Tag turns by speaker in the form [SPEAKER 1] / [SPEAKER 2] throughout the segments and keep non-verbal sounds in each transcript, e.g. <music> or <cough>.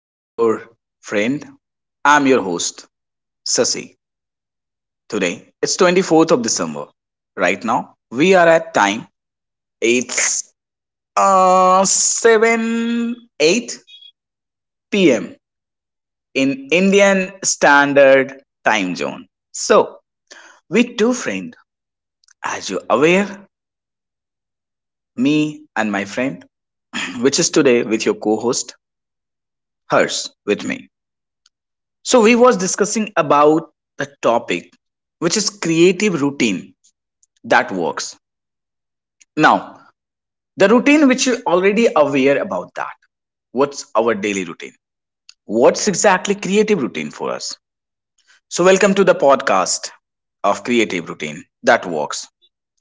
[SPEAKER 1] I'm your friend. I'm your host, Sasi. Today, it's 24th of December. Right now, we are at time. It's 7 8 p.m. in Indian Standard Time Zone. So, we two friend, as you're aware, me and my friend, <clears throat> which is today with your co host, Hers, with me. So we was discussing about the topic, which is creative routine that works. Now, the routine which you're already aware about that. What's our daily routine? What's exactly creative routine for us? So welcome to the podcast of creative routine that works,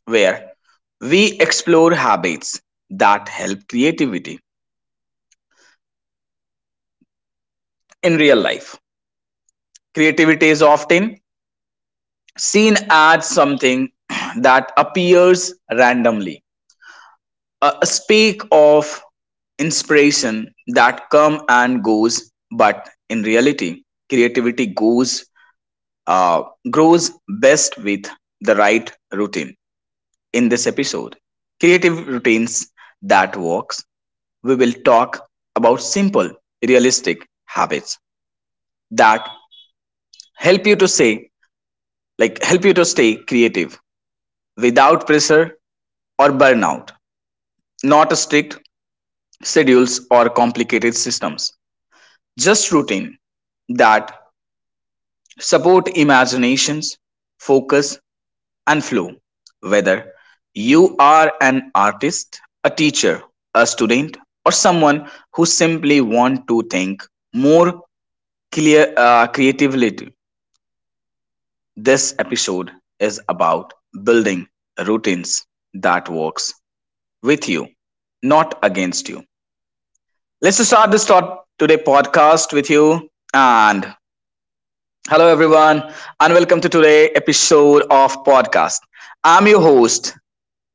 [SPEAKER 1] where we explore habits that help creativity in real life. Creativity is often seen as something <clears throat> that appears randomly, speak of inspiration that come and goes, but in reality creativity goes uh, grows best with the right routine. In this episode, creative routines that works, we will talk about simple, realistic habits that help you to say help you to stay creative without pressure or burnout. Not strict schedules or complicated systems. Just routine that support imaginations, focus, and flow. Whether you are an artist, a teacher, a student, or someone who simply want to think more clear, creatively, this episode is about building routines that works with you, not against you. Let's start this thought today podcast with you and hello, everyone, and welcome to today's episode of podcast. I'm your host,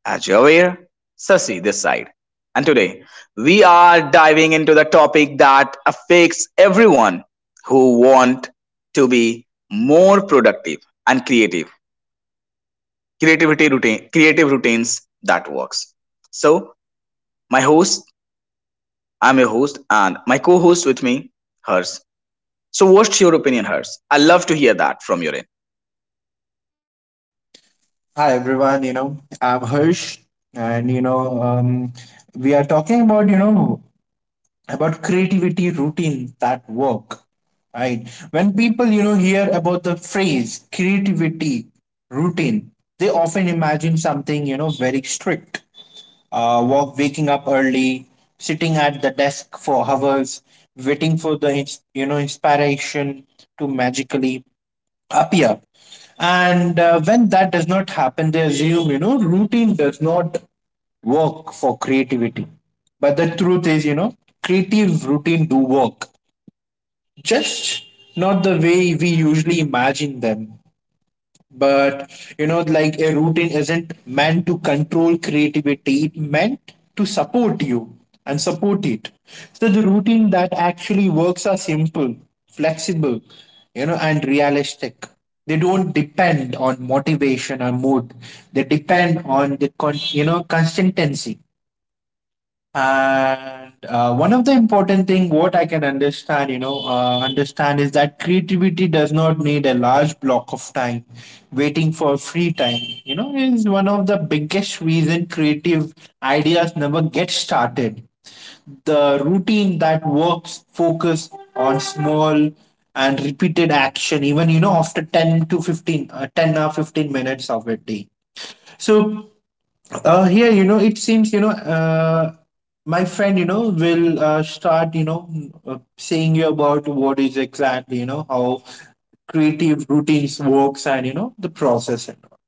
[SPEAKER 1] as you're aware, Sasi this side. And today, we are diving into the topic that affects everyone who want to be more productive and creative. Creativity routine, creative routines that works. So, my host, I'm your host, and my co-host with me, Hers. So, what's your opinion, Hers? I love to hear that from your end.
[SPEAKER 2] Hi everyone, I'm Harsh and we are talking about, about creativity routines that work, right? When people, hear about the phrase creativity routine, they often imagine something, very strict. Waking up early, sitting at the desk for hours, waiting for the inspiration to magically appear. And when that does not happen, they assume, routine does not work for creativity. But the truth is, creative routine do work, just not the way we usually imagine them, but like a routine isn't meant to control creativity, it meant to support you and support it. So the routine that actually works are simple, flexible, and realistic. They don't depend on motivation or mood, they depend on the consistency. And one of the important thing what I can understand, understand is that creativity does not need a large block of time. Waiting for free time, is one of the biggest reason creative ideas never get started. The routine that works focus on small and repeated action, even after 10 or 15 minutes of a day. So here, it seems, my friend, will start, saying you about what is exactly, how creative routines works and, the process and all.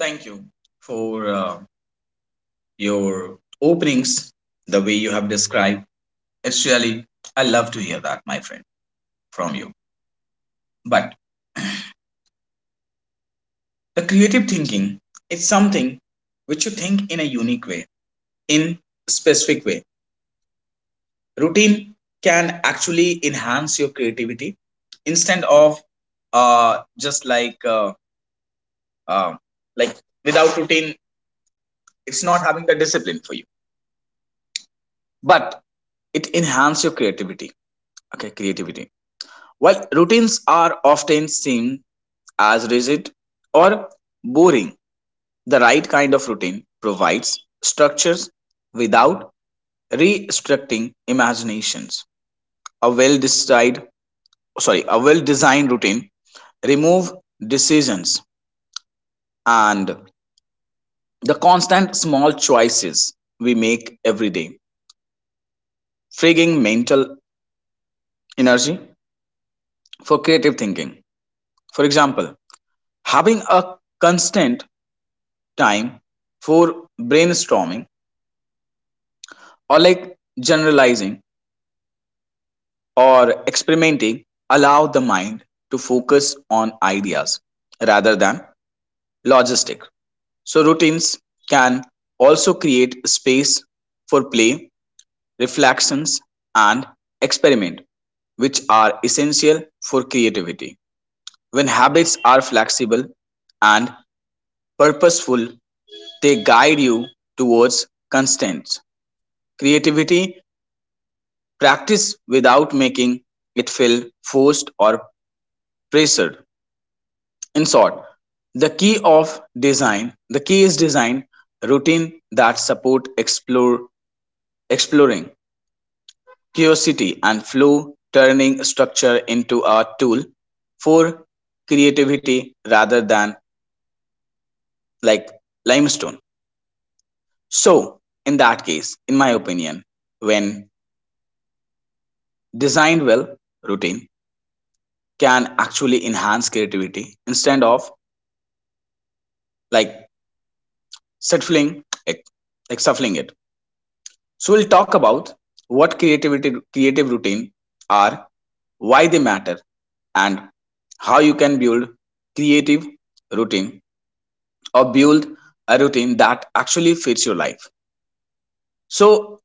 [SPEAKER 1] Thank you for your openings. The way you have described, it's really, I love to hear that, my friend, from you. But the creative thinking is something which you think in a unique way, in a specific way. Routine can actually enhance your creativity instead of uh, just uh, like without routine, it's not having the discipline for you, but it enhances your creativity. Okay, creativity, while routines are often seen as rigid or boring, the right kind of routine provides structures without restricting imaginations. A well designed a well designed routine remove decisions and the constant small choices we make every day, freeing mental energy for creative thinking. For example, having a constant time for brainstorming or like generalizing or experimenting allow the mind to focus on ideas rather than logistic. So, routines can also create space for play, reflections, and experiment, which are essential for creativity. When habits are flexible and purposeful, they guide you towards constants. Creativity practice without making it feel forced or pressured. In short, the key is design routine that support explore exploring curiosity and flow, turning structure into a tool for creativity rather than like limestone. So, in that case, in my opinion, when designed well, routine can actually enhance creativity instead of like settling, like, like shuffling it. So we'll talk about what creativity creative routine are, why they matter, and how you can build creative routine or build a routine that actually fits your life. So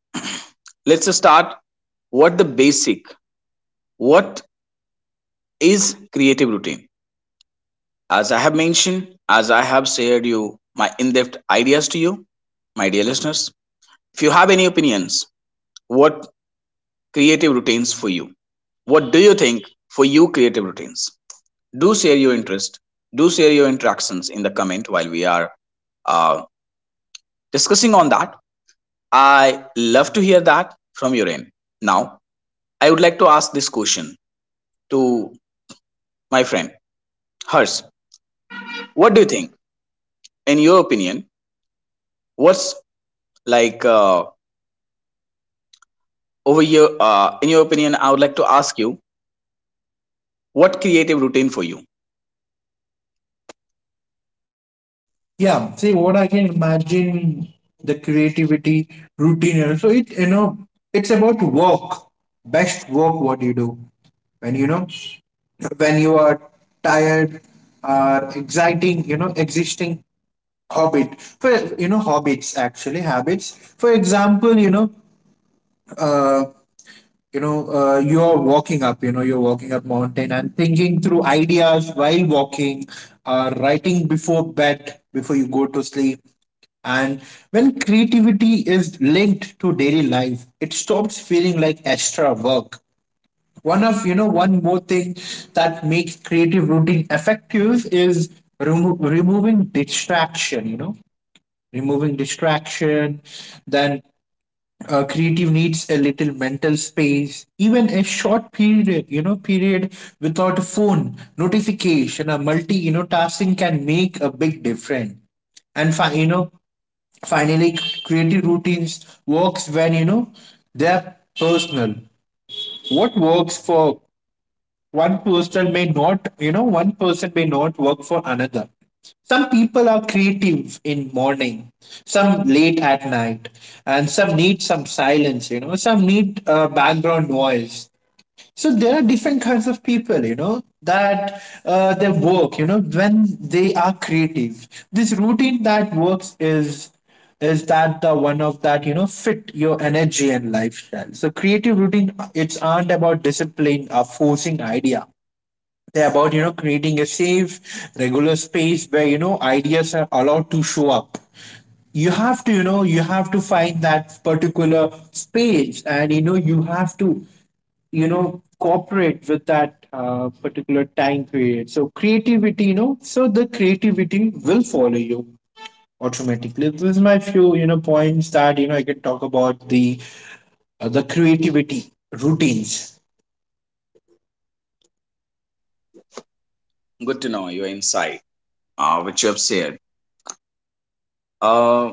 [SPEAKER 1] let's just start what the basic, what is creative routine. As I have mentioned, as I have shared you my in-depth ideas to you, my dear listeners, if you have any opinions, what creative routines for you, what do you think, for you creative routines, do share your interest, do share your interactions in the comment while we are uh, discussing on that. I love to hear that from your end. Now I would like to ask this question to my friend Hers. What do you think, in your opinion, what's like uh, over here? In your opinion, I would like to ask you, what creative routine for you.
[SPEAKER 2] Yeah, see what I can imagine, the creativity routine. And So it, it's about work, best work what you do when when you are tired or exciting, existing Hobbit for hobbits, actually habits. For example, uh, you are walking up. You know, you're walking up mountain and thinking through ideas while walking, writing before bed, before you go to sleep. And when creativity is linked to daily life, it stops feeling like extra work. One of you know one more thing that makes creative routine effective is removing distraction. You know, removing distraction, then creative needs a little mental space, even a short period without a phone, notification, or multi, tasking can make a big difference. And finally, creative routines works when they're personal. What works for one person may not, one person may not work for another. Some people are creative in morning, some late at night, and some need some silence, some need background noise. So there are different kinds of people, that they work, when they are creative, this routine that works is that the one of that fit your energy and lifestyle. So creative routine it's aren't about discipline or forcing idea, they're about, creating a safe, regular space where, ideas are allowed to show up. You have to, you have to find that particular space and, you know, you have to, you know, cooperate with that particular time period. So creativity, so the creativity will follow you automatically. This is my few, points that, I can talk about the creativity routines.
[SPEAKER 1] Good to know your insight which you have shared. uh,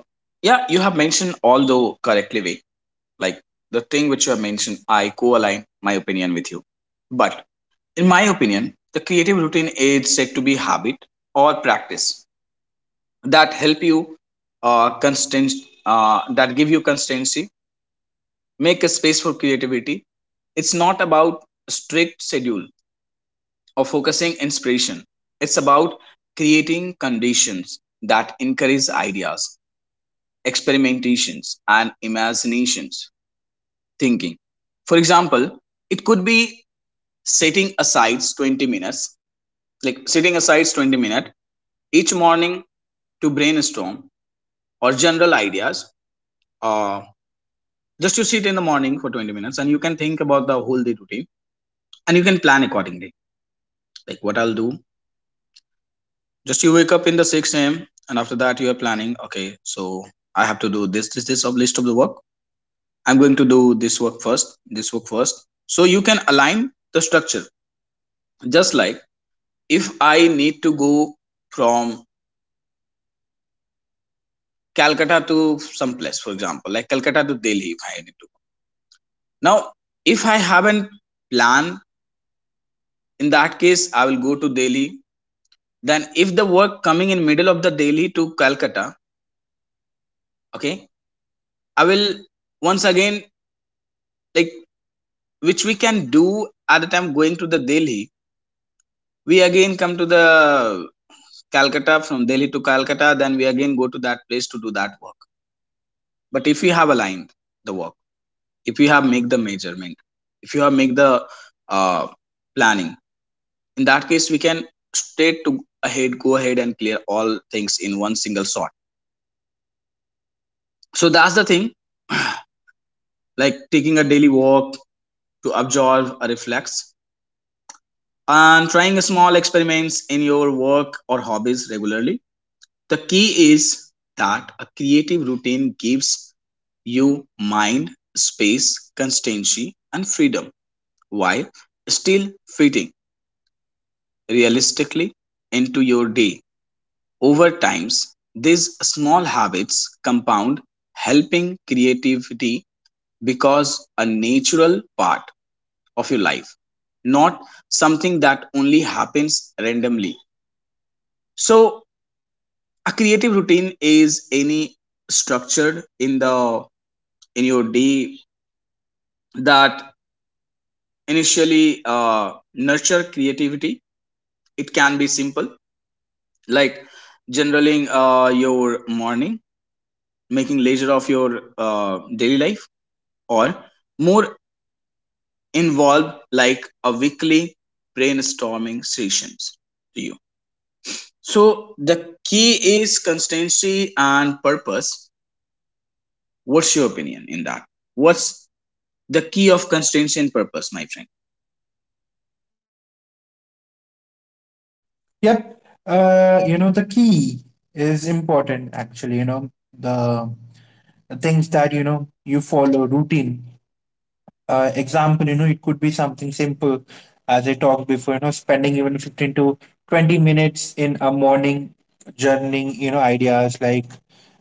[SPEAKER 1] yeah, you have mentioned all the correctly way. Like the thing which you have mentioned, I co-align my opinion with you. But in my opinion, the creative routine is said to be habit or practice that help you constant that give you constancy, make a space for creativity. It's not about strict schedule or focusing inspiration. It's about creating conditions that encourage ideas, experimentations, and imaginations thinking. For example, it could be setting aside 20 minutes like setting aside 20 minutes each morning to brainstorm or general ideas. uh, just you sit in the morning for 20 minutes and you can think about the whole day routine and you can plan accordingly, like what I'll do. Just you wake up in the 6 a.m, and after that you are planning. Okay, so I have to do this, this, this, of list of the work. I'm going to do this work first, this work first. So you can align the structure. Just like, if I need to go from Calcutta to some place, for example, like Calcutta to Delhi, if I need to go. Now if I haven't plan, in that case I will go to Delhi, then if the work coming in middle of the Delhi to Calcutta, okay, I will once again, like, which we can do at the time going to the Delhi, we again come to the Calcutta, from Delhi to Calcutta, then we again go to that place to do that work. But if you have aligned the work, if you have make the measurement, if you have make the uh, planning, in that case, we can straight to ahead go ahead and clear all things in one single shot. So that's the thing, like taking a daily walk to absorb a reflex and trying small experiments in your work or hobbies regularly. The key is that a creative routine gives you mind, space, constancy, and freedom while still fitting realistically into your day. Over times, these small habits compound, helping creativity because a natural part of your life, not something that only happens randomly. So, a creative routine is any structured in the in your day that initially nurture creativity. It can be simple, like generaling your morning, making leisure of your daily life, or more involved, like a weekly brainstorming sessions to you. So the key is consistency and purpose. What's your opinion in that? What's the key of consistency and purpose, my friend?
[SPEAKER 2] Yep. The key is important actually, the, the things that, you follow routine. Example, it could be something simple, as I talked before, spending even 15 to 20 minutes in a morning, journaling, ideas like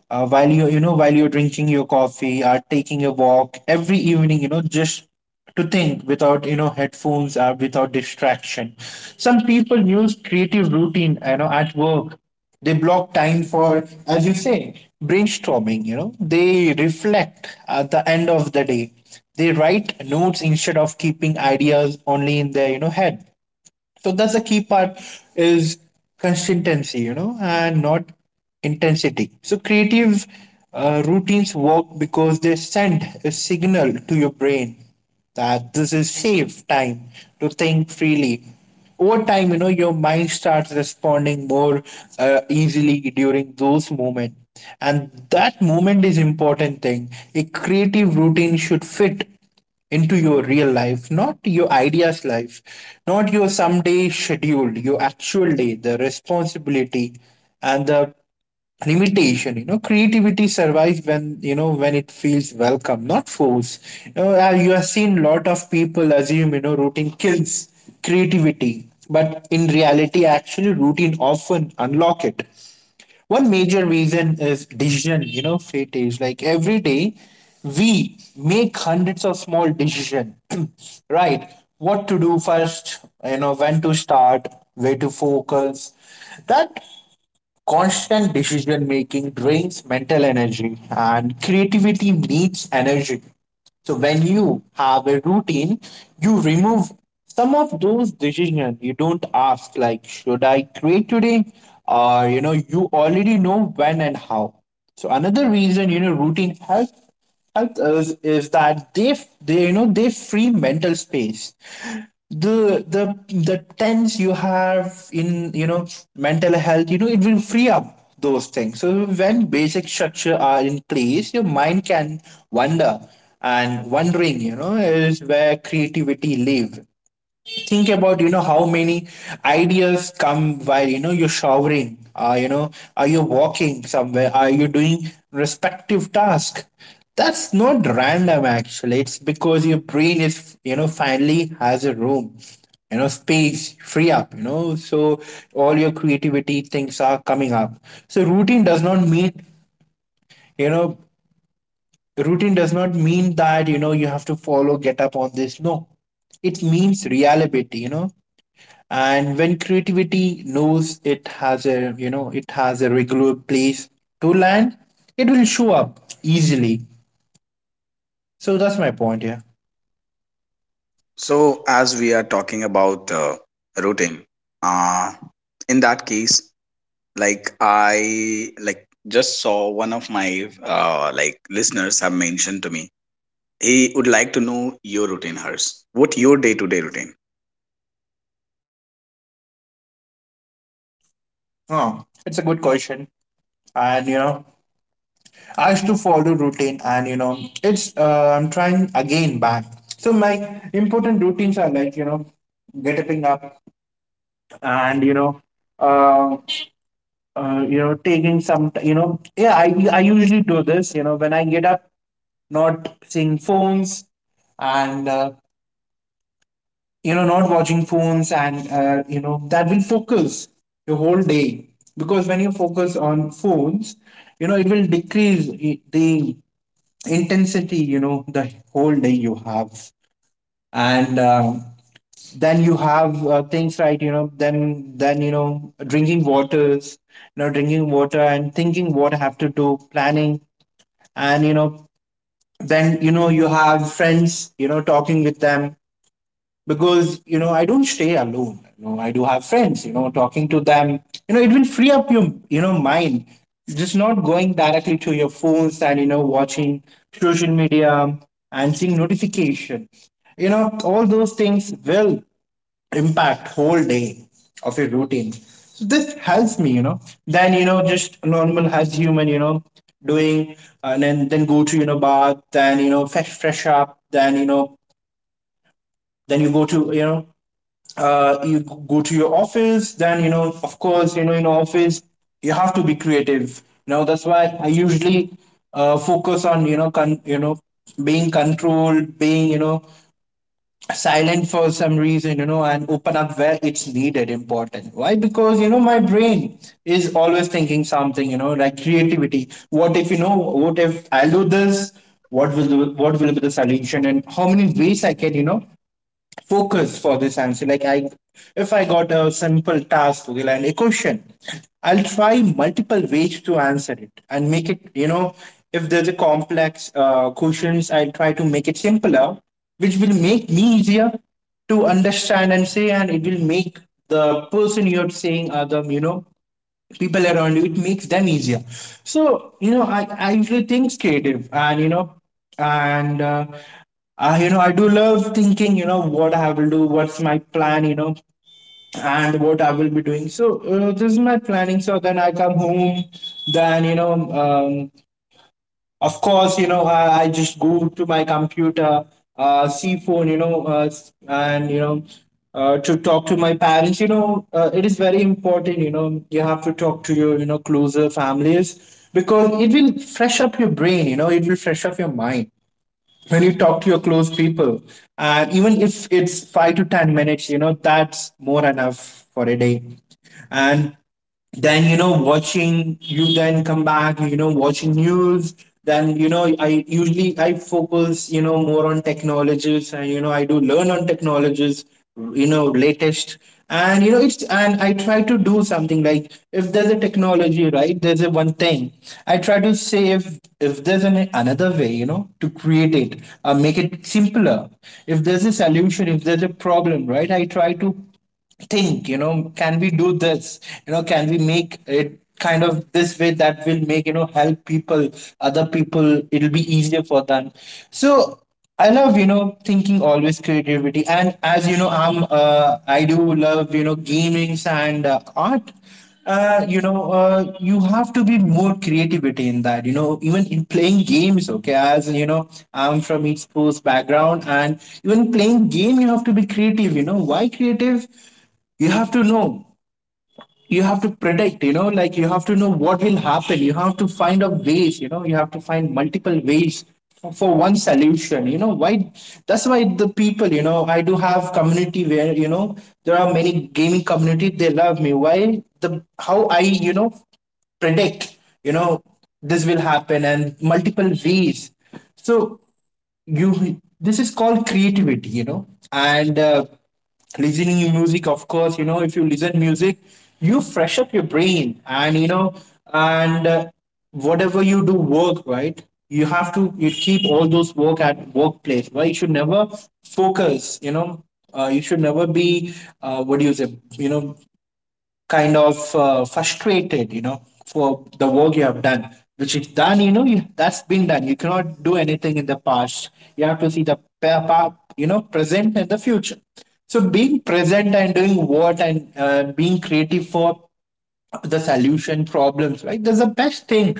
[SPEAKER 2] while while you're drinking your coffee or taking a walk every evening, just to think without headphones or without distraction. Some people use creative routine, at work they block time for, as you say, brainstorming, They reflect at the end of the day. They write notes instead of keeping ideas only in their, head. So that's the key part is consistency, and not intensity. So creative routines work because they send a signal to your brain that this is safe time to think freely. Over time, your mind starts responding more easily during those moments. And that moment is important thing. A creative routine should fit into your real life, not your ideas life, not your someday schedule, your actual day, the responsibility and the limitation. Creativity survives when when it feels welcome not forced. You have seen lot of people assume, routine kills creativity, but in reality actually routine often unlock it. One major reason is decision. Fate is like, every day we make hundreds of small decision. <clears throat> Right? What to do first, when to start, where to focus. That constant decision making drains mental energy, and creativity needs energy. So when you have a routine, you remove some of those decisions. You don't ask like, should I create today? Or you already know when and how. So another reason, routine helps, helps us is that they you know they free mental space. The tense you have in, mental health, it will free up those things. So when basic structure are in place, your mind can wander, and wondering, is where creativity live. Think about, how many ideas come while, you're showering, are you walking somewhere, are you doing respective task. That's not random, actually. It's because your brain is, finally has a room, space free up, so all your creativity things are coming up. So routine does not mean, you know routine does not mean that, you have to follow get up on this. No, it means reliability, and when creativity knows it has a, it has a regular place to land, it will show up easily. So that's my point here.
[SPEAKER 1] So, as we are talking about routine, uh, in that case, like I like just saw one of my listeners have mentioned to me. He would like to know your routine, Hers. What your day-to-day routine?
[SPEAKER 2] Oh, it's a good question. And I used to follow routine, and it's I'm trying again back. So my important routines are like, getting up, and uh, taking some yeah, I usually do this, when I get up, not seeing phones, and not watching phones, and that will focus your whole day. Because when you focus on phones, it will decrease the intensity, the whole day you have. And um, then you have things, right? you know then you know Drinking waters, drinking water and thinking what I have to do, planning. And you know then you know you have friends, talking with them. Because I don't stay alone, I do have friends, talking to them, it will free up your, mind. Just not going directly to your phones and, watching social media and seeing notification, all those things will impact whole day of your routine. So this helps me, then, just normal as human, doing and then go to, bath, then, fresh up, then, you go to, you go to your office. Then, of course, in office you have to be creative, that's why I usually focus on, being controlled, being, silent for some reason, and open up where it's needed, important. Why? Because, my brain is always thinking something, like creativity, what if, what if I do this, what will be the solution, and how many ways I can, focus for this answer. If I got a simple task, okay, like a question, I'll try multiple ways to answer it and make it. You know, if there's a complex questions, I'll try to make it simpler, which will make me easier to understand and say, and it will make the person you're saying, Adam, people around you, it makes them easier. So, I usually think creative and, and, uh, I do love thinking, what I will do, what's my plan, and what I will be doing. So, this is my planning. So then I come home. then, you know, um, of course, I just go to my computer, see phone, to talk to my parents. It is very important. You have to talk to your, closer families, because it will fresh up your brain. It will fresh up your mind when you talk to your close people. And even if it's 5 to 10 minutes, that's more enough for a day. And then you know watching, you then come back, watching news. Then I focus more on technologies, and I do learn on technologies, latest. And you know it's and I try to do something like, if there's a technology, right, there's a one thing. I try to say, if there's an another way, to create it, make it simpler. If there's a solution, if there's a problem, right, I try to think, can we do this? Can we make it kind of this way that will make, help people, other people, it'll be easier for them? So I love, thinking always creativity. And as you know, I'm, I do love, gamings and art. You have to be more creativity in that, you know, even in playing games. Okay, as you know, I'm from e-sports background. And even playing game, you have to be creative. You know, why creative? You have to know, you have to predict. Like, you have to know what will happen. You have to find a ways, you have to find multiple ways for one solution. Why? That's why the people, I do have community where, there are many gaming community. They love me, why, the how I, predict, you know this will happen, and multiple ways. So, you this is called creativity, you know. And Listening to music, of course. If you listen music, you fresh up your brain. And you know and Whatever you do work, right, you have to, you keep all those work at workplace, right. You should never focus, you should never be, what do you say, you know, kind of frustrated, you know, for the work you have done, which is done. You know, you, that's been done. You cannot do anything in the past. You have to see the you know, present and the future. So being present and doing what, and being creative for the solution problems, right, that's the best thing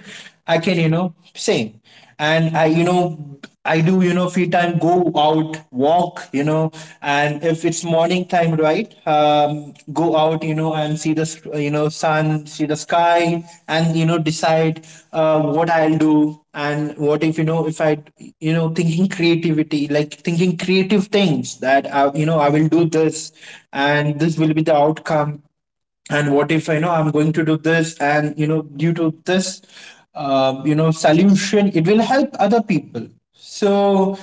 [SPEAKER 2] I can, you know, say. And I, you know, I do, you know, free time go out walk. And if it's morning time, right, go out, you know, and see the you know, sun, see the sky. And you know, decide what I'll do, and what if, you know, if I, you know, thinking creativity, like thinking creative things that I, you know, I will do this, and this will be the outcome. And what if, you know, I'm going to do this, and you know, due to this, you know, solution, it will help other people. So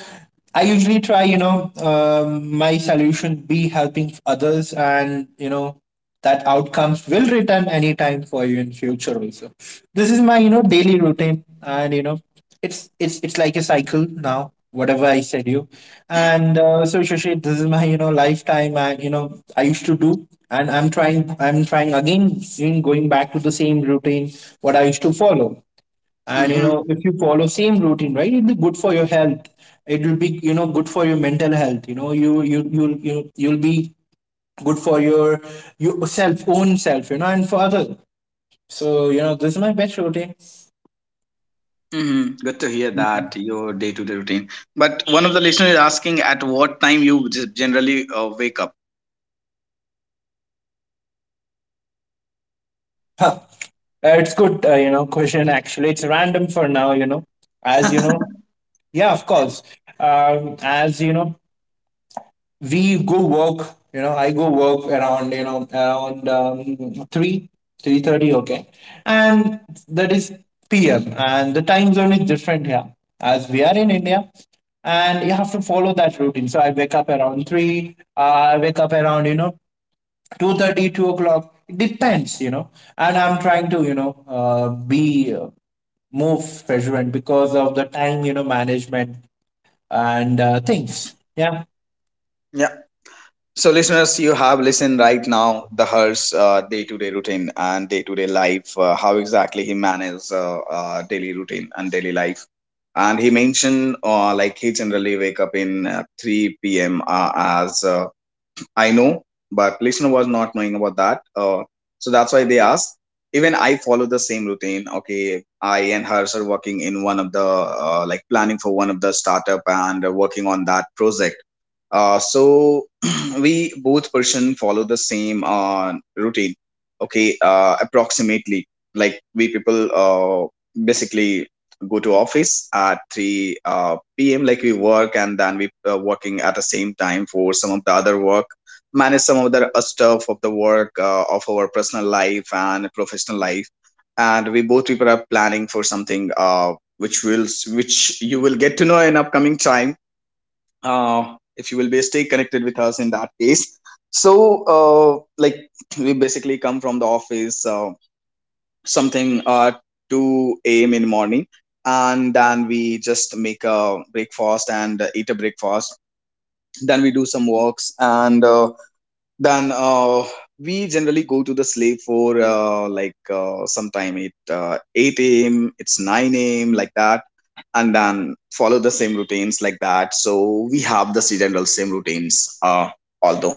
[SPEAKER 2] I usually try, my solution be helping others, and you know, that outcomes will return anytime for you in future also. This is my, you know, daily routine. And you know, it's it's like a cycle now, whatever I said you. And so Shashi, this is my, you know, lifetime. And you know, I used to do. And I'm trying again, in going back to the same routine, what I used to follow. And you know,
[SPEAKER 1] Mm-hmm.
[SPEAKER 2] if you follow same routine, right, it'll be good for your health. It will be, you know, good for your mental health. You know, you'll be good for your yourself own self, you know, and for others. So you know, this is my best routine.
[SPEAKER 1] Mm-hmm. Good to hear that your day-to-day routine. But one of the listeners is asking at what time you just generally wake up. <laughs>
[SPEAKER 2] <laughs> It's good, question actually. It's random for now, you know. As you know, yeah, of course. As you know, we go work. You know, I go work around, three three thirty. Okay, and that is PM. And the time zone is different here, as we are in India, and you have to follow that routine. So I wake up around three. I wake up around, you know, 2:30, 2 o'clock. It depends, you know. And I'm trying to, you know, be more frequent because of the time, you know, management and things, yeah.
[SPEAKER 1] Yeah. So, listeners, you have listened right now the Hers day-to-day routine and day-to-day life. How exactly he manages daily routine and daily life. And he mentioned like he generally wake up in 3 p.m. As I know, but listener was not knowing about that. So that's why they asked. Even I follow the same routine. Okay, I and Hers are working in one of the like planning for one of the startup and working on that project. So <clears throat> we both person follow the same routine. Okay, approximately, like we people basically go to office at 3 p.m., like we work and then we working at the same time for some of the other work, manage some of the stuff of the work of our personal life and professional life. And we both people are planning for something which you will get to know in upcoming time, if you will be stay connected with us, in that case. So <clears throat> we basically come from the office something 2 a.m in the morning, and then we just make a breakfast and eat a breakfast, then we do some works and then we generally go to the slave for sometime it 8 a.m. It's 9 a.m. like that, and then follow the same routines like that. So we have the seasonal same routines. Although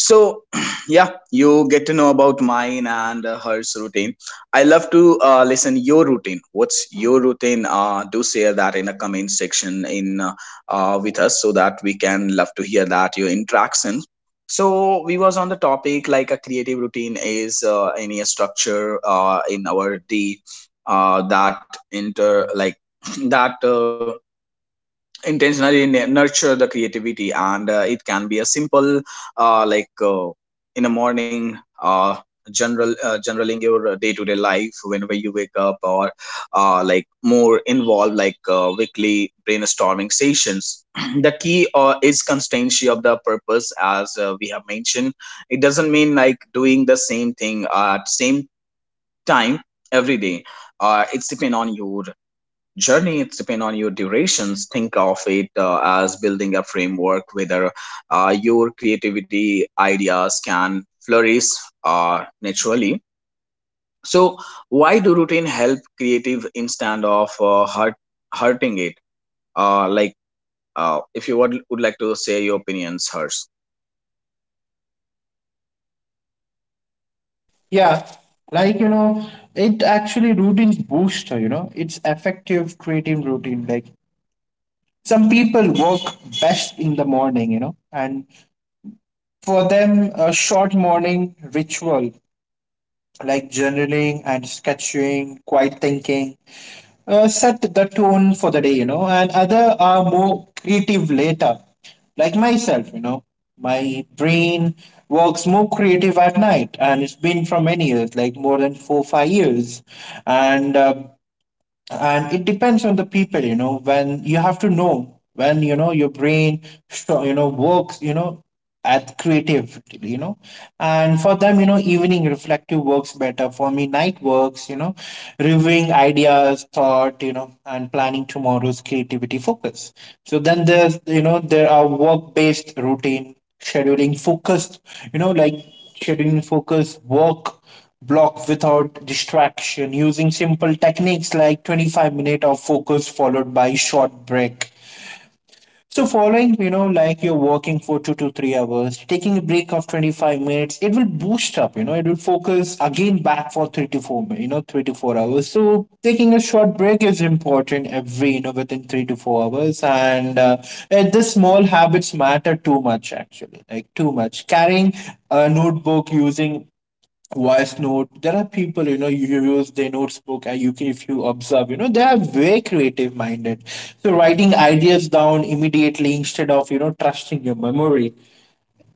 [SPEAKER 1] so, <clears throat> yeah, you get to know about mine and hers routine. I love to listen your routine. What's your routine? Do share that in the comment section in with us, so that we can love to hear that your interactions. So we was on the topic like a creative routine is any structure in our day that inter like <clears throat> that. Intentionally nurture the creativity, and it can be a simple, uh, like uh, in the morning, generaling your day to day life whenever you wake up, or like more involved like weekly brainstorming sessions. <clears throat> The key is constancy of the purpose, as we have mentioned. It doesn't mean like doing the same thing at same time every day. It's depend on your journey. Journeys depend on your durations. Think of it as building a framework whether your creativity ideas can flourish naturally. So why do routine help creative instead of hurting it? uh, like if you would like to say your opinions, hers.
[SPEAKER 2] Yeah, like you know, it actually routines booster, you know, it's effective creative routine. Like, some people work best in the morning, you know, and for them a short morning ritual, like journaling and sketching, quiet thinking, set the tone for the day, you know. And other are more creative later, like myself, you know. My brain works more creative at night, and it's been for many years, like more than 4, 5 years. And uh, and it depends on the people. You know, when you have to know, when you know your brain you know, works, you know, at creative, you know. And for them, you know, evening reflective works better. For me, night works, you know, reviewing ideas, thought, you know, and planning tomorrow's creativity focus. So then there's, you know, there are work based routine, scheduling focused, you know, like scheduling focus work block without distraction, using simple techniques like 25 minute of focus followed by short break. So following, you know, like you're working for 2 to 3 hours, taking a break of 25 minutes, it will boost up, you know, it will focus again back for 3 to 4, you know, 3 to 4 hours. So taking a short break is important every, you know, within 3 to 4 hours. And this small habits matter too much actually, like too much carrying a notebook, using voice note. There are people, you know, you use their notebook, and you can, if you observe, you know, they are very creative minded. So writing ideas down immediately, instead of, you know, trusting your memory.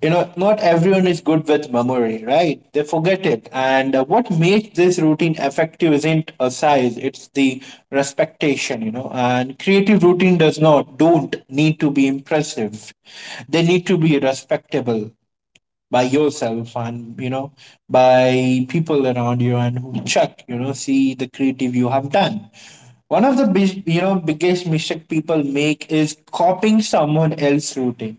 [SPEAKER 2] You know, not everyone is good with memory, right, they forget it. And what makes this routine effective isn't a size, it's the respectation, you know. And creative routine does not don't need to be impressive, they need to be respectable by yourself, and you know, by people around you, and who check, you know, see the creative you have done. One of the biggest mistake people make is copying someone else's routine.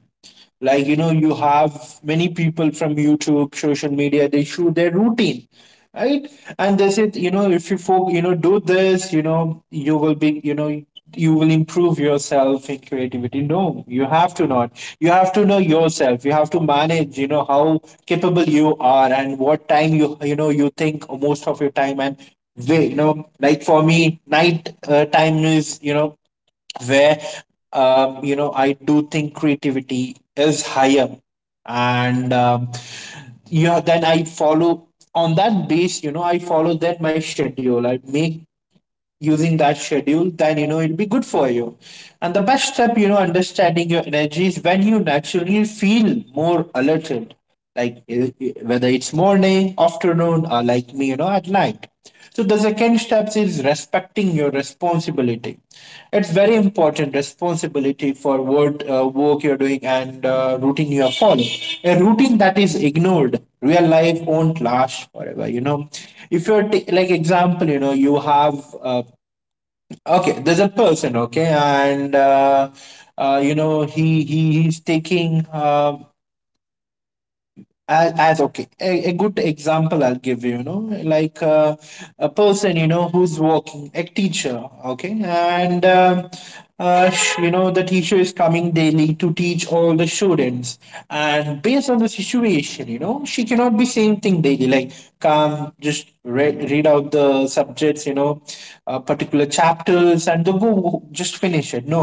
[SPEAKER 2] Like, you know, you have many people from YouTube, social media, they shoot their routine, right. And they said, you know, if you you know, do this, you know, you will be, you know, you will improve yourself in creativity. No, you have to not, you have to know yourself. You have to manage, you know, how capable you are, and what time you, you know, you think most of your time. And way, you know, like for me, night time is, you know, where, you know, I do think creativity is higher. And you know, then I follow on that base. You know, I follow that my schedule, I make, using that schedule, then you know, it'll be good for you. And the best step, you know, understanding your energy is when you naturally feel more alerted, like whether it's morning, afternoon, or like me, you know, at night. So the second step is respecting your responsibility. It's very important responsibility for what work you're doing, and routine you are following. A routine that is ignored, real life won't last forever. You know, if you're like example, you know, you have, uh, okay, there's a person, okay, and you know, he's taking. As okay, a good example I'll give you you know like uh, a person, you know, who's working a teacher, okay, and you know, the teacher is coming daily to teach all the students, and based on the situation, you know, she cannot be same thing daily. Like come just read out the subjects, you know, particular chapters and the just finish it. No,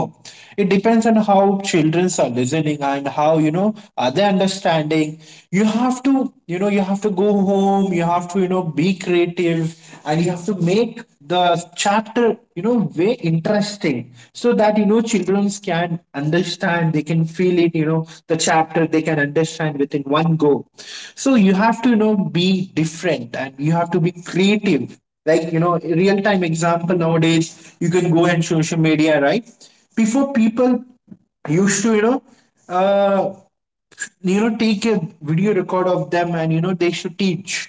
[SPEAKER 2] it depends on how children are listening and how, you know, are they understanding. You have to, you know, you have to go home, you have to, you know, be creative, and you have to make the chapter, you know, way interesting so that, you know, children can understand, they can feel it, you know, the chapter they can understand within one go. So you have to, you know, be different and you have to be creative. Like, you know, real time example, nowadays you can go in social media, right? Before, people used to, you know, uh, you know, take a video record of them and, you know, they should teach.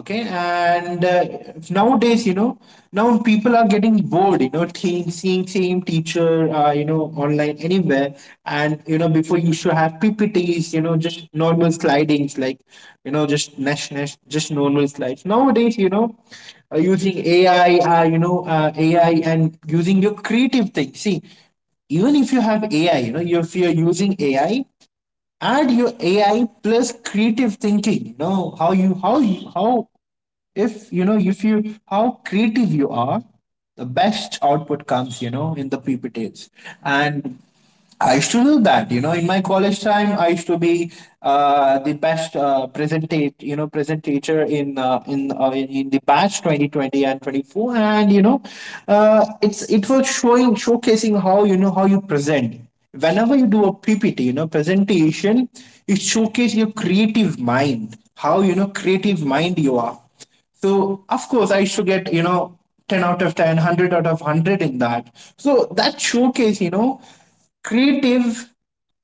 [SPEAKER 2] Okay. And nowadays, you know, now people are getting bored, you know, think, seeing same teacher, you know, online anywhere. And you know, before you should have ppts, you know, just normal slidings. Like, you know, just nash just normal slides nowadays, you know, using ai, you know, ai and using your creative thing. See, even if you have AI, you know, if you're using AI, add your AI plus creative thinking. You know how if you know if you how creative you are, the best output comes. You know, in the PPTs. And I used to do that, you know. In my college time, I used to be the best presentator in the batch 2020 and twenty four, and you know, it was showing showcasing how, you know, how you present. Whenever you do a PPT, you know, presentation, it showcases your creative mind, how you know creative mind you are. So of course I should get, you know, 10 out of 10, 100 out of 100 in that. So that showcase, you know, creative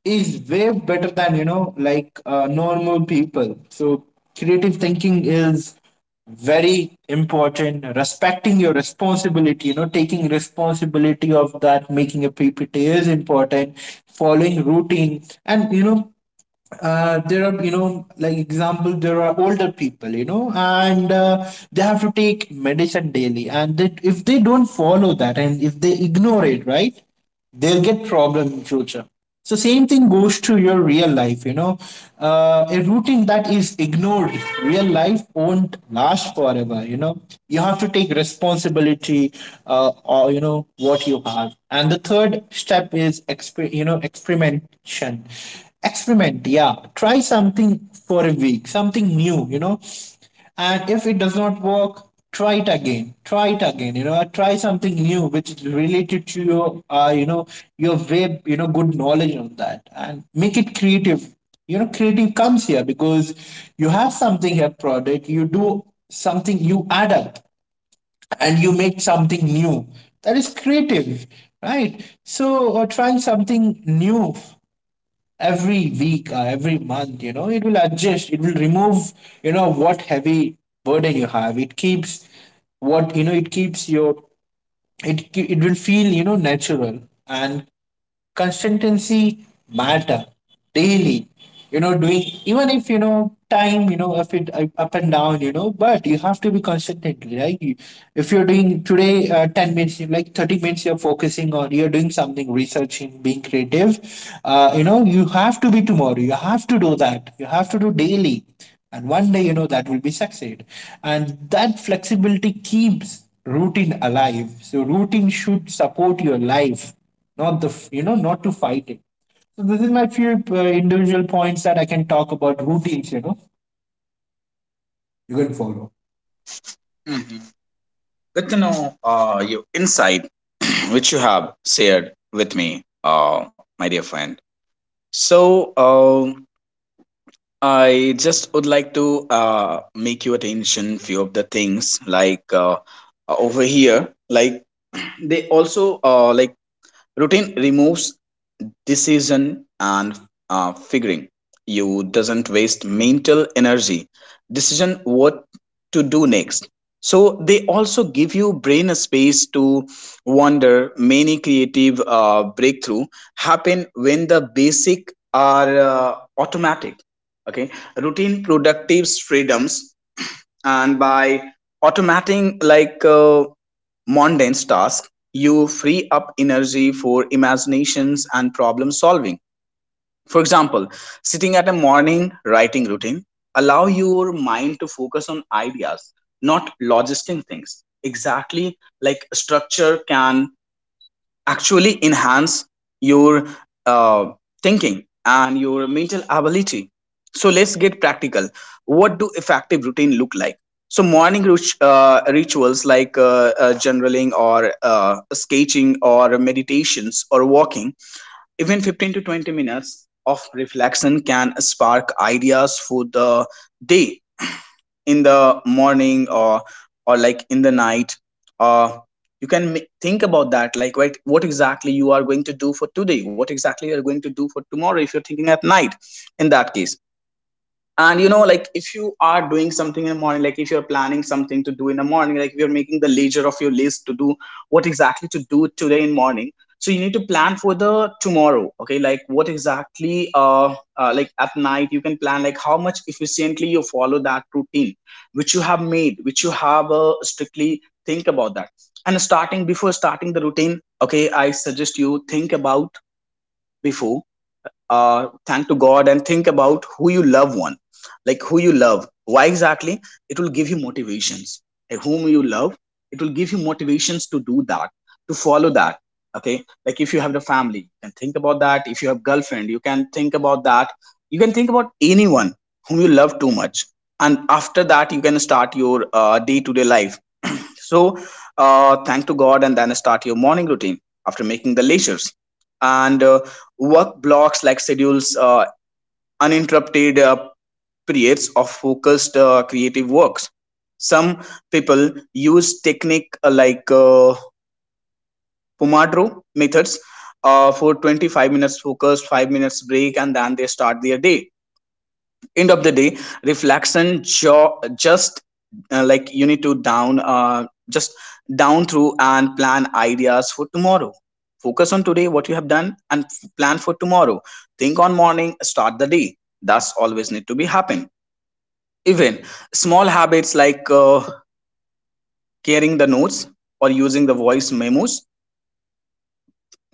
[SPEAKER 2] is way better than, you know, like normal people. So creative thinking is very important. Respecting your responsibility, you know, taking responsibility of that, making a ppt is important, following routine, and you know, there are, you know, like example, there are older people, you know, and they have to take medicine daily, and if they don't follow that and if they ignore it, right, they'll get problem in future. So same thing goes to your real life, you know, a routine that is ignored, real life won't last forever, you know. You have to take responsibility, or you know what you have. And the third step is you know, experiment action. Experiment, yeah, try something for a week, something new, you know. And if it does not work, try it again, you know, or try something new which is related to your you know, your way, you know, good knowledge on that, and make it creative. You know, creative comes here because you have something here product, you do something, you add up, and you make something new. That is creative, right? So or trying something new every week or every month, you know, it will adjust, it will remove, you know, what heavy burden you have. It keeps what, you know, it keeps your it will feel, you know, natural. And consistency matter daily, you know, doing. Even if you know time, you know, if it up up and down, you know, but you have to be consistent, right? If you're doing today 10 minutes like 30 minutes, you're focusing on, you're doing something researching, being creative, you know, you have to be tomorrow, you have to do that, you have to do daily. And one day, you know, that will be succeed. And that flexibility keeps routine alive. So routine should support your life, not you know, not to fight it. So this is my few individual points that I can talk about routines, you know, you can follow.
[SPEAKER 1] Mhm. Good to know your insight <clears throat> which you have shared with me, my dear friend. So I just would like to make your attention few of the things, like over here. Like <clears throat> they also like routine removes decision, and figuring you doesn't waste mental energy, decision what to do next. So they also give you brain space to wonder. Many creative breakthrough happen when the basic are automatic. Okay, routine productive freedoms, and by automating mundane tasks, you free up energy for imaginations and problem solving. For example, sitting at a morning writing routine allow your mind to focus on ideas, not logistic things. Exactly, like structure can actually enhance your uh, thinking and your mental ability. So let's get practical. What do effective routine look like? So rituals like journaling or sketching or meditations or walking. Even 15 to 20 minutes of reflection can spark ideas for the day, in the morning, or like in the night. Uh you can ma- think about that, like right, what exactly you are going to do for today, what exactly you are going to do for tomorrow, if you're thinking at night. In that case, and you know, like if you are doing something in the morning, like if you're planning something to do in the morning, like if you're making the leisure of your list to do, what exactly to do today in morning. So you need to plan for the tomorrow. Okay, like what exactly like at night, you can plan like how much efficiently you follow that routine which you have made, which you have strictly think about that. And starting, before starting the routine, okay, I suggest you think about before. Thank to god and think about who you love one. Like who you love, why exactly. It will give you motivations. Like whom you love, it will give you motivations to do that, to follow that. Okay, like if you have the family, you can think about that. If you have girlfriend, you can think about that. You can think about anyone whom you love too much. And after that, you can start your day-to-day life. So thank to God, and then start your morning routine after making the leisures. And work blocks like schedules, uninterrupted periods of focused creative works. Some people use technique Pomodoro methods, for 25 minutes focus, 5 minutes break, and then they start their day. End of the day reflection, just like you need to down, just down through and plan ideas for tomorrow. Focus on today what you have done, and plan for tomorrow. Think on morning, start the day. That's always need to be happen. Even small habits like carrying the notes or using the voice memos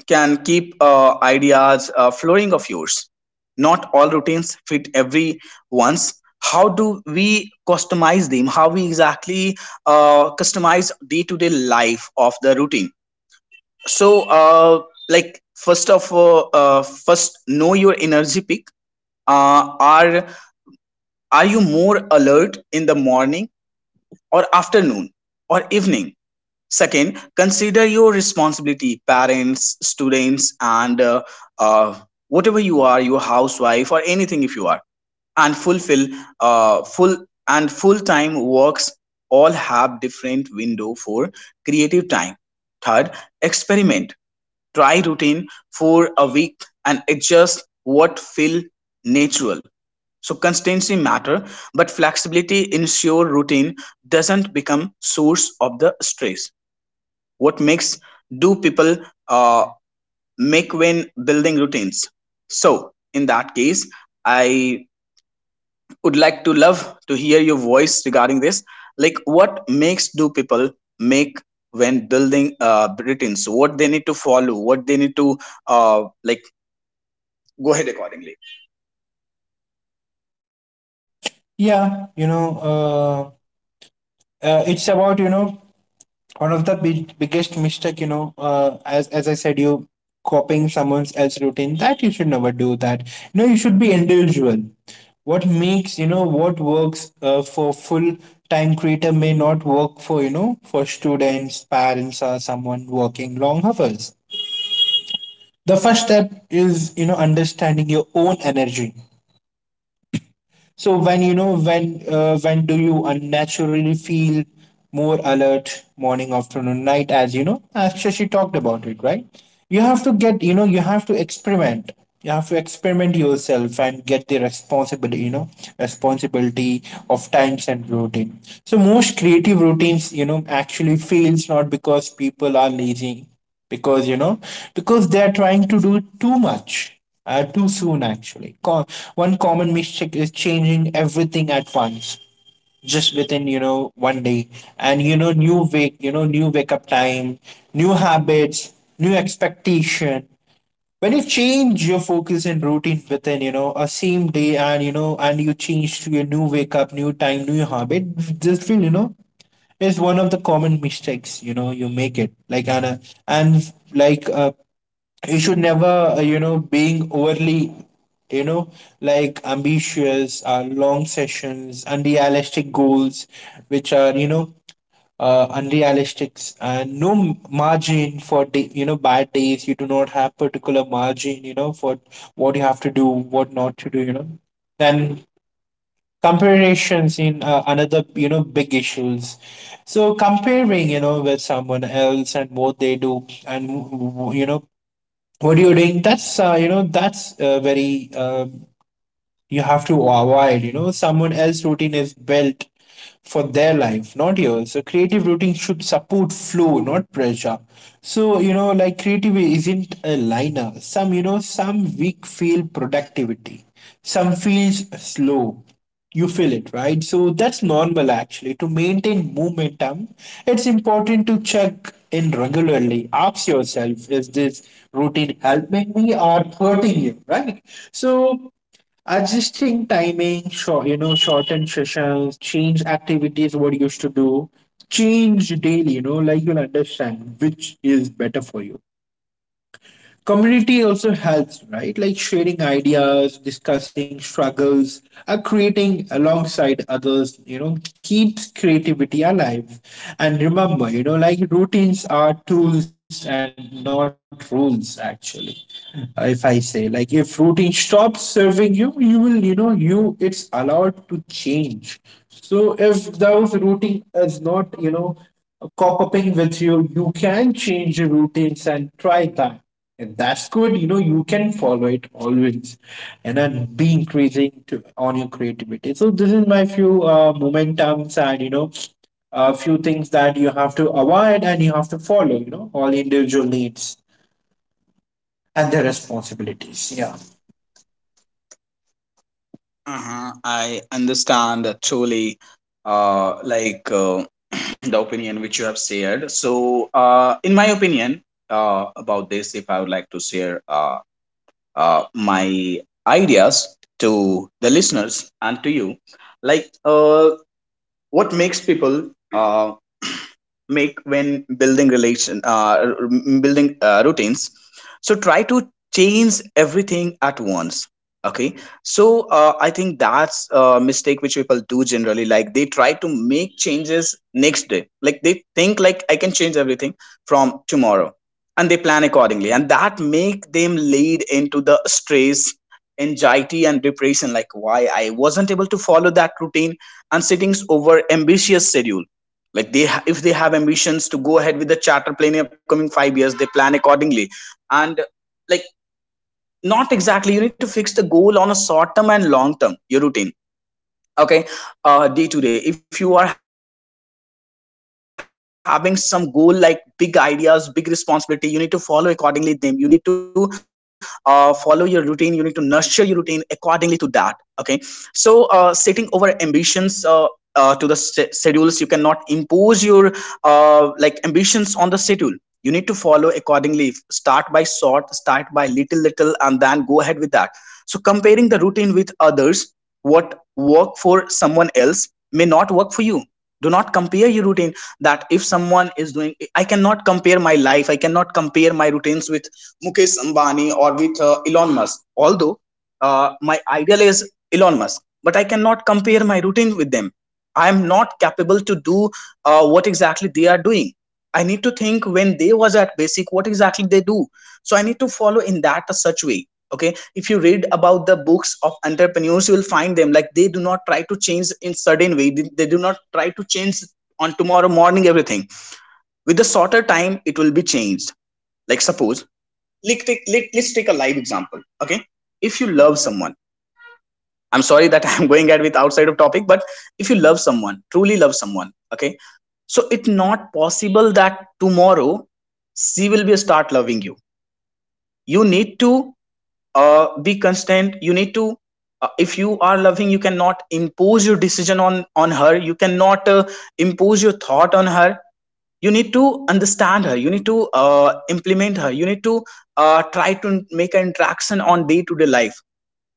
[SPEAKER 1] can keep ideas flowing of yours. Not all routines fit every once. How do we customize them? How we exactly customize day to day life of the routine? So like first of all, first know your energy peak. Are are you more alert in the morning, or afternoon, or evening? Second, consider your responsibility, parents, students, and uh, whatever you are, your housewife or anything if you are, and fulfill full and full time works. All have different window for creative time. Third, experiment, try routine for a week and adjust what feel natural. So consistency matter, but flexibility ensure routine doesn't become source of the stress. What makes do people uh, make when building routines? So in that case, I would like to love to hear your voice regarding this. Like what makes do people make when building routines, what they need to follow, what they need to uh, like go ahead accordingly.
[SPEAKER 2] Yeah, you know, it's about, you know, one of the biggest mistake, you know, as I said, you copying someone else's routine, that you should never do that. You know, you should be individual. What makes you know what works for full time creator may not work for, you know, for students, parents, or someone working long hours. The first step is, you know, understanding your own energy. So when you know when do you unnaturally feel more alert, morning, afternoon, night, as you know, as Shashi talked about it, right? You have to get, you know, you have to experiment. You have to experiment yourself and get the responsibility, you know, responsibility of times and routine. So most creative routines, you know, actually fails, not because people are lazy, because you know, because they are trying to do too much, too soon actually. One common mistake is changing everything at once, just within you know one day. And you know, new wake you know, new wake up time, new habits, new expectation. When you change your focus and routine within, you know, a same day, and you know, and you change to your new wake up, new time, new habit, just feel, you know, is one of the common mistakes, you know, you make it like. And and like uh, you should never you know, being overly, you know, like ambitious long sessions, unrealistic goals which are, you know, unrealistic, and no margin for day, you know, bad days. You do not have particular margin, you know, for what you have to do, what not to do, you know. Then comparisons in another, you know, big issues. So comparing, you know, with someone else and what they do and, you know, what you're doing, that's, you know, that's, very you have to avoid. You know, someone else's routine is built for their life, not yours. So creative routine should support flow, not pressure. So, you know, like, creativity isn't a liner. Some, you know, some week feel productivity, some feels slow. You feel it, right? So that's normal. Actually, to maintain momentum, it's important to check in regularly. Ask yourself, is this routine helping me or hurting you, right? So adjusting timing, short, you know, shorten sessions, change activities what you used to do, change daily, you know, like you'll understand which is better for you. Community also helps, right? Like sharing ideas, discussing struggles, or creating alongside others, you know, keeps creativity alive. And remember, you know, like routines are tools and not rules, actually. If I say, like, if routine stops serving you, you will, you know, you it's allowed to change. So if those routine is not, you know, cop upping with you, you can change your routines and try that. And that's good. You know, you can follow it always and then be increasing to, on your creativity. So this is my few momentums and, you know, a few things that you have to avoid and you have to follow, you know, all individual needs and their responsibilities. Yeah.
[SPEAKER 1] Uh-huh, I understand truly, uh, like uh, <clears throat> the opinion which you have shared. So in my opinion, about this, if I would like to share my ideas to the listeners and to you, like what makes people make when building relation building routines. So try to change everything at once. Okay, so I think that's a mistake which people do generally, like they try to make changes next day, like they think like I can change everything from tomorrow, and they plan accordingly, and that make them lead into the stress, anxiety and depression, like why I wasn't able to follow that routine. And settings over ambitious schedule, like if they have ambitions to go ahead with the charter plane in upcoming 5 years, they plan accordingly. And like not exactly, you need to fix the goal on a short term and long term your routine. Okay, day to day, if you are having some goal like big ideas, big responsibility, you need to follow accordingly them. You need to follow your routine. You need to nurture your routine accordingly to that. Okay, so setting over ambitions, to the schedules, you cannot impose your like ambitions on the schedule. You need to follow accordingly. Start by short, start by little little, and then go ahead with that. So comparing the routine with others, what work for someone else may not work for you. Do not compare your routine. That if someone is doing, I cannot compare my life. I cannot compare my routines with Mukesh Ambani or with Elon Musk. Although my ideal is Elon Musk, but I cannot compare my routine with them. I am not capable to do what exactly they are doing. I need to think when they was at basic, what exactly they do. So I need to follow in that a such way. Okay, if you read about the books of entrepreneurs, you will find them like they do not try to change in sudden way. They do not try to change on tomorrow morning everything. With the shorter time, it will be changed. Like suppose, let, let's take a live example. Okay, if you love someone, I'm sorry that <laughs> I'm going at with outside of topic, but if you love someone, truly love someone, okay, so it's not possible that tomorrow she will be start loving you. You need to be constant. You need to if you are loving, you cannot impose your decision on her. You cannot impose your thought on her. You need to understand her. You need to implement her. You need to try to make an interaction on day to day life.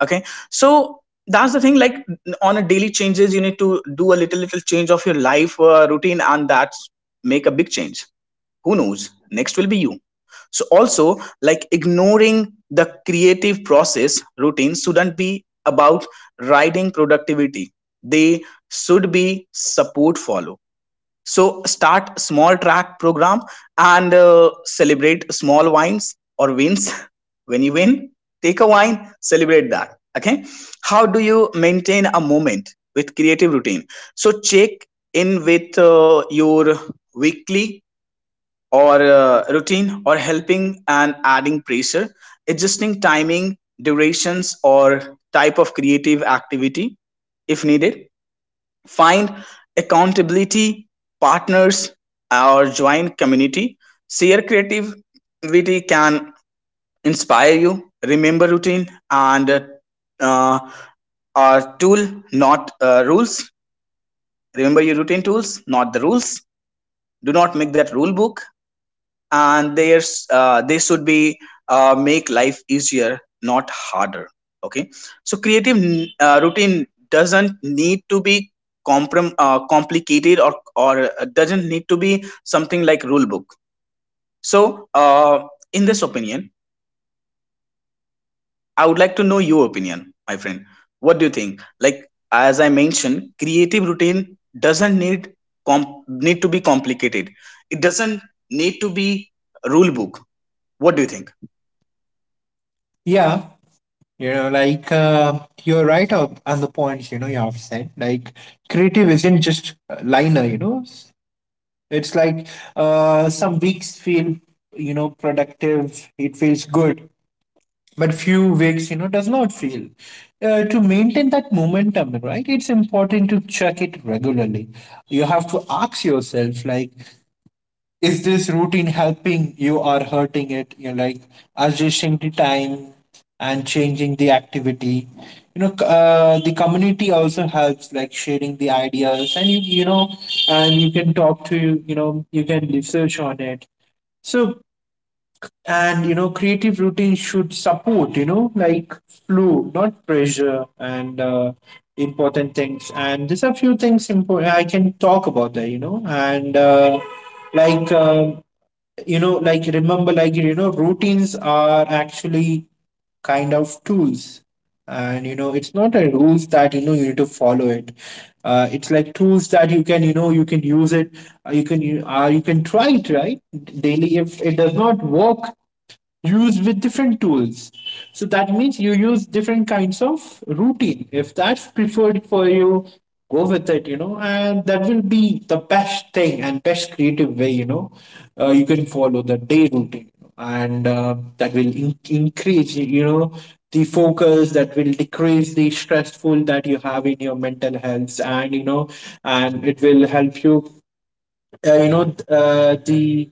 [SPEAKER 1] Okay, so that's the thing. Like on a daily changes, you need to do a little little change of your life routine, and that's make a big change. Who knows, next will be you. So also like ignoring the creative process, routine shouldn't be about riding productivity. They should be support follow. So start small, track program, and celebrate small wins or wins <laughs> when you win. Take a wine, celebrate that. Okay, how do you maintain a moment with creative routine? So check in with your weekly or routine or helping and adding pressure, adjusting timing, durations or type of creative activity if needed. Find accountability partners or join community. Share creativity can inspire you. Remember routine, and uh, are tool, not rules. Remember your routine tools, not the rules. Do not make that rule book. And there's they should be make life easier, not harder. Okay, so creative routine doesn't need to be complicated, or doesn't need to be something like rule book. So in this opinion, I would like to know your opinion, my friend. What do you think, like as I mentioned, creative routine doesn't need, need to be complicated. It doesn't need to be rule book. What do you think?
[SPEAKER 2] Yeah. You know, like you're right on the points, you know, you have said. Like, creative isn't just a liner, you know, it's like some weeks feel, you know, productive, it feels good. But few weeks, you know, does not feel to maintain that momentum, right? It's important to check it regularly. You have to ask yourself like, is this routine helping you or hurting it, you know? Like adjusting the time and changing the activity, you know, the community also helps, like sharing the ideas and you know, and you can talk to, you know, you can research on it. So, and you know, creative routine should support, you know, like, flow not pressure. And important things, and there's a few things I can talk about there, you know. And like uh, you know, like, remember, like you know, routines are actually kind of tools, and you know, it's not a rules that, you know, you need to follow it. It's like tools that you can, you know, you can use it. You can you can try it, right? Daily, if it does not work, used with different tools. So that means you use different kinds of routine. If that's preferred for you, go with it, you know, and that will be the best thing and best creative way, you know, you can follow the day routine, you know. And that will increase, you know, the focus, that will decrease the stressful that you have in your mental health, and you know, and it will help you you know, the.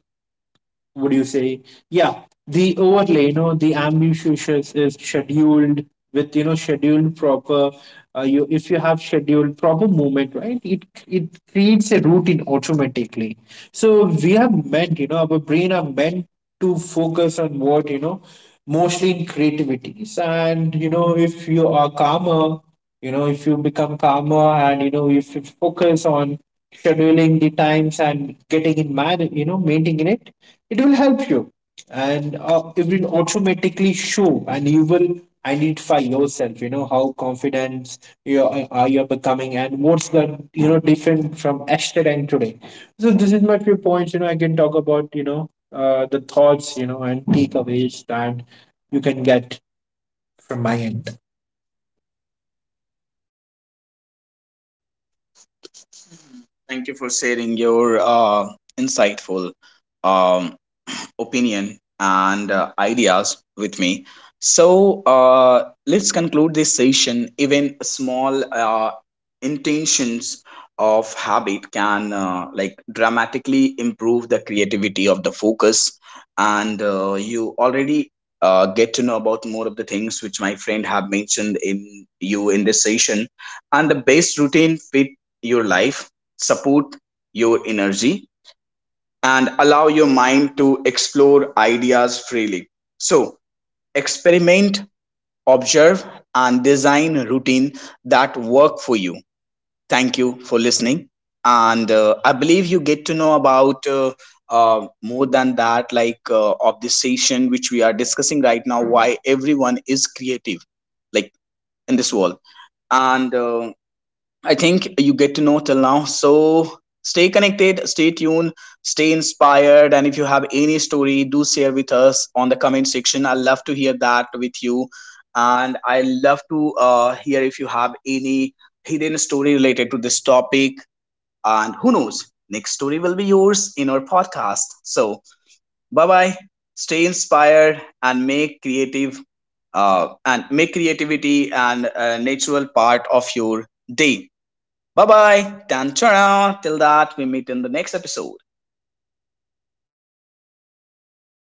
[SPEAKER 2] Would you say, yeah, the overlay, you know, the ambitious is scheduled with, you know, scheduled proper. You, if you have scheduled proper movement, right, it creates a routine automatically. So we are meant, you know, our brain are meant to focus on what, you know, mostly in creativities. And you know, if you are calmer, you know, if you become calmer and you know, if you focus on scheduling the times and getting in man you know, maintaining it, it will help you. And it will automatically show and you will identify yourself, you know, how confident you are you becoming, and what's the, you know, different from yesterday and today. So this is my few points, you know, I can talk about, you know, the thoughts, you know, and takeaways that you can get from my end.
[SPEAKER 1] Thank you for sharing your insightful um, opinion and ideas with me. So let's conclude this session. Even small intentions of habit can like dramatically improve the creativity of the focus, and you already get to know about more of the things which my friend have mentioned in you in this session. And the best routine fit your life, support your energy, and allow your mind to explore ideas freely. So experiment, observe, and design a routine that work for you. Thank you for listening. And I believe you get to know about more than that, like of this session which we are discussing right now, why everyone is creative, like in this world. And I think you get to know till now. So stay connected, stay tuned, stay inspired. And if you have any story, do share with us on the comment section. I love to hear that with you. And I love to hear if you have any hidden story related to this topic. And who knows, next story will be yours in our podcast. So bye bye. Stay inspired and make creative and make creativity and natural part of your day. Bye bye, do turn around. Till that, we meet in the next episode.